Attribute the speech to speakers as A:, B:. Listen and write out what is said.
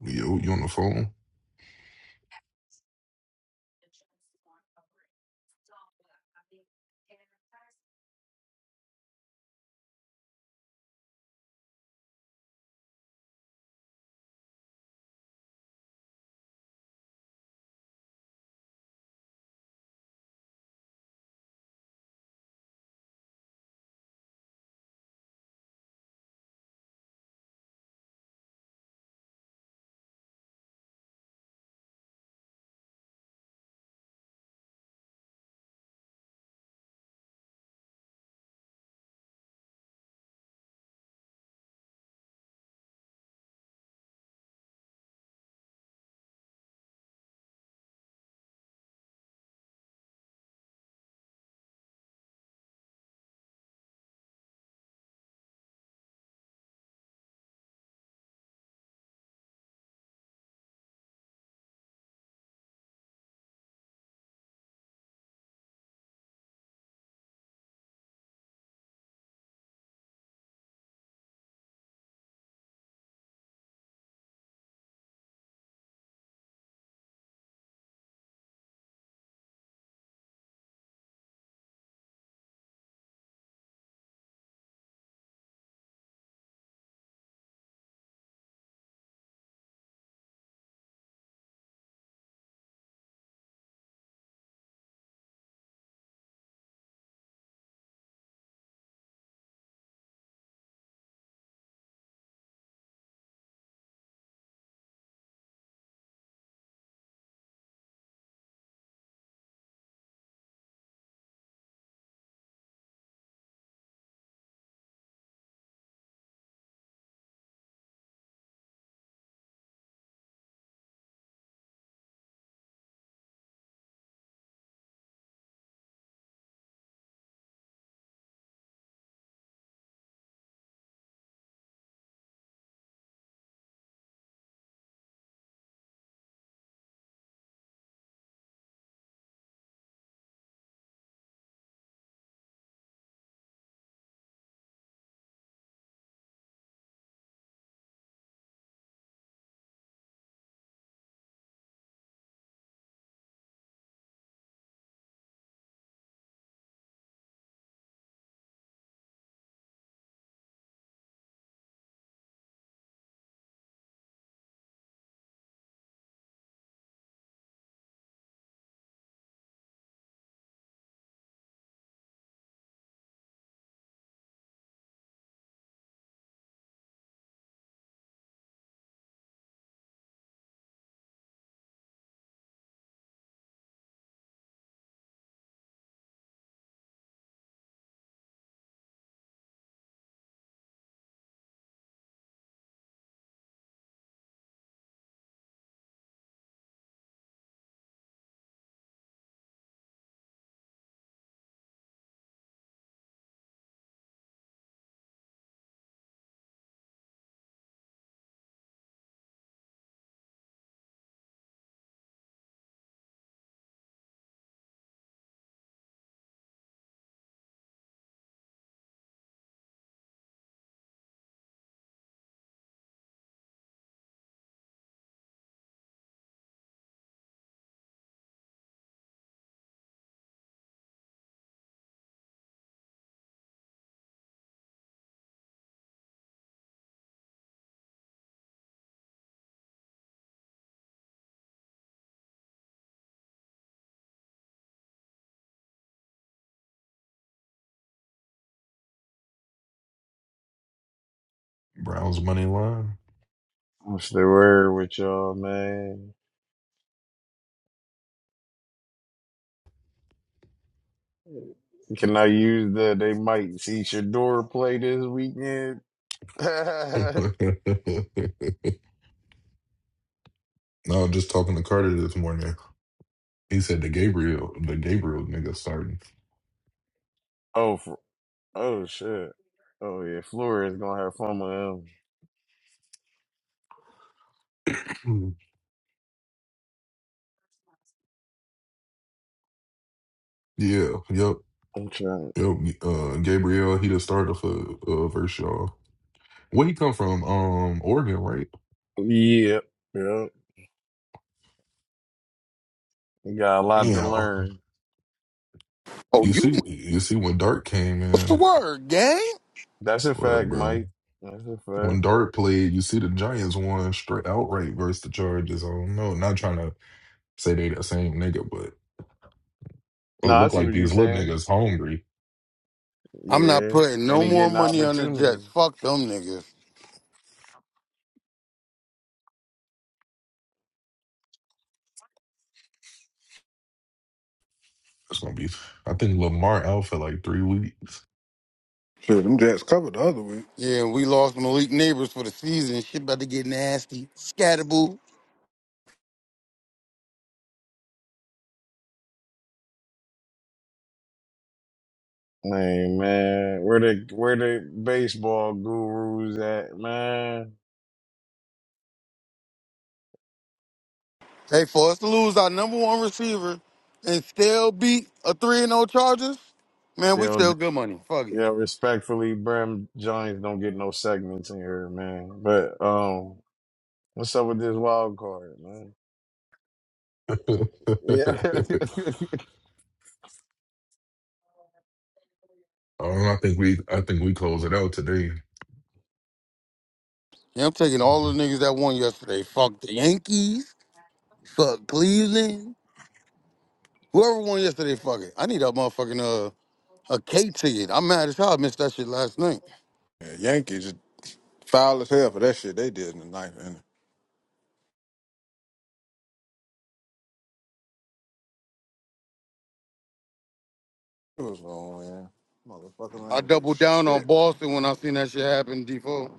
A: Yo, you on the phone? Browns money line.
B: What's the word with y'all, man? Can I use the they might see Shador play this weekend?
A: no,
B: oh,
A: I'm just talking to Carter this morning. He said the Gabriel, the Gabriel nigga starting.
B: for, oh shit. Oh yeah, Flores gonna have fun with him.
A: Mm. yeah, yep,
B: I'm trying.
A: yep. Uh, Gabriel, he the starter for uh, Vershaw. Where he come from? Um, Oregon, right?
B: Yep, yep. He got a lot to
A: Yeah.
B: learn.
C: Oh,
A: You
C: you
A: see,
C: kn-
A: you see when Dart came
C: what's the
A: in.
C: word, gang?
B: That's a
A: What up,
B: fact,
A: bro?
B: Mike. That's a
A: When
B: fact.
A: Dart played, you see the Giants won straight outright versus the Chargers. I don't know. Not trying to say they the same nigga, but. It
B: No, I
A: look
B: see
A: like
B: what you're
A: these little
B: saying.
A: niggas hungry.
C: I'm not
B: Yeah,
C: putting
B: and
C: no
B: he
C: more
B: getting
C: money on the
B: opportunity.
C: Jets. Fuck them niggas.
A: It's gonna be. I think Lamar out for like three weeks.
D: Shit, them Jets covered the other week.
C: Yeah, and we lost Malik Neighbors for the season. Shit about to get nasty. Scatterboo.
B: Hey man, where the where the baseball gurus at, man?
C: Hey, for us to lose our number one receiver and still beat a 3 and 0 Chargers, man, we
B: Yo,
C: still good money. Fuck it.
B: Yeah, respectfully, Brim Jones don't get no segments in here, man. But um, what's up with this wild card, man?
A: um,
B: Yeah,
A: I think we. I think we close it out today.
C: Yeah, I'm taking
A: Mm-hmm.
C: all the niggas that won yesterday. Fuck the Yankees. Fuck Cleveland. Whoever won yesterday, fuck it. I need that motherfucking uh, a K ticket. I'm mad as hell. I missed that shit last night.
D: Yeah, Yankees foul as hell for that shit they did in the ninth inning. It was on, man. Motherfuckers
C: I
D: ain't do
C: doubled down on
D: shit.
C: Boston when I seen that shit happen, D4.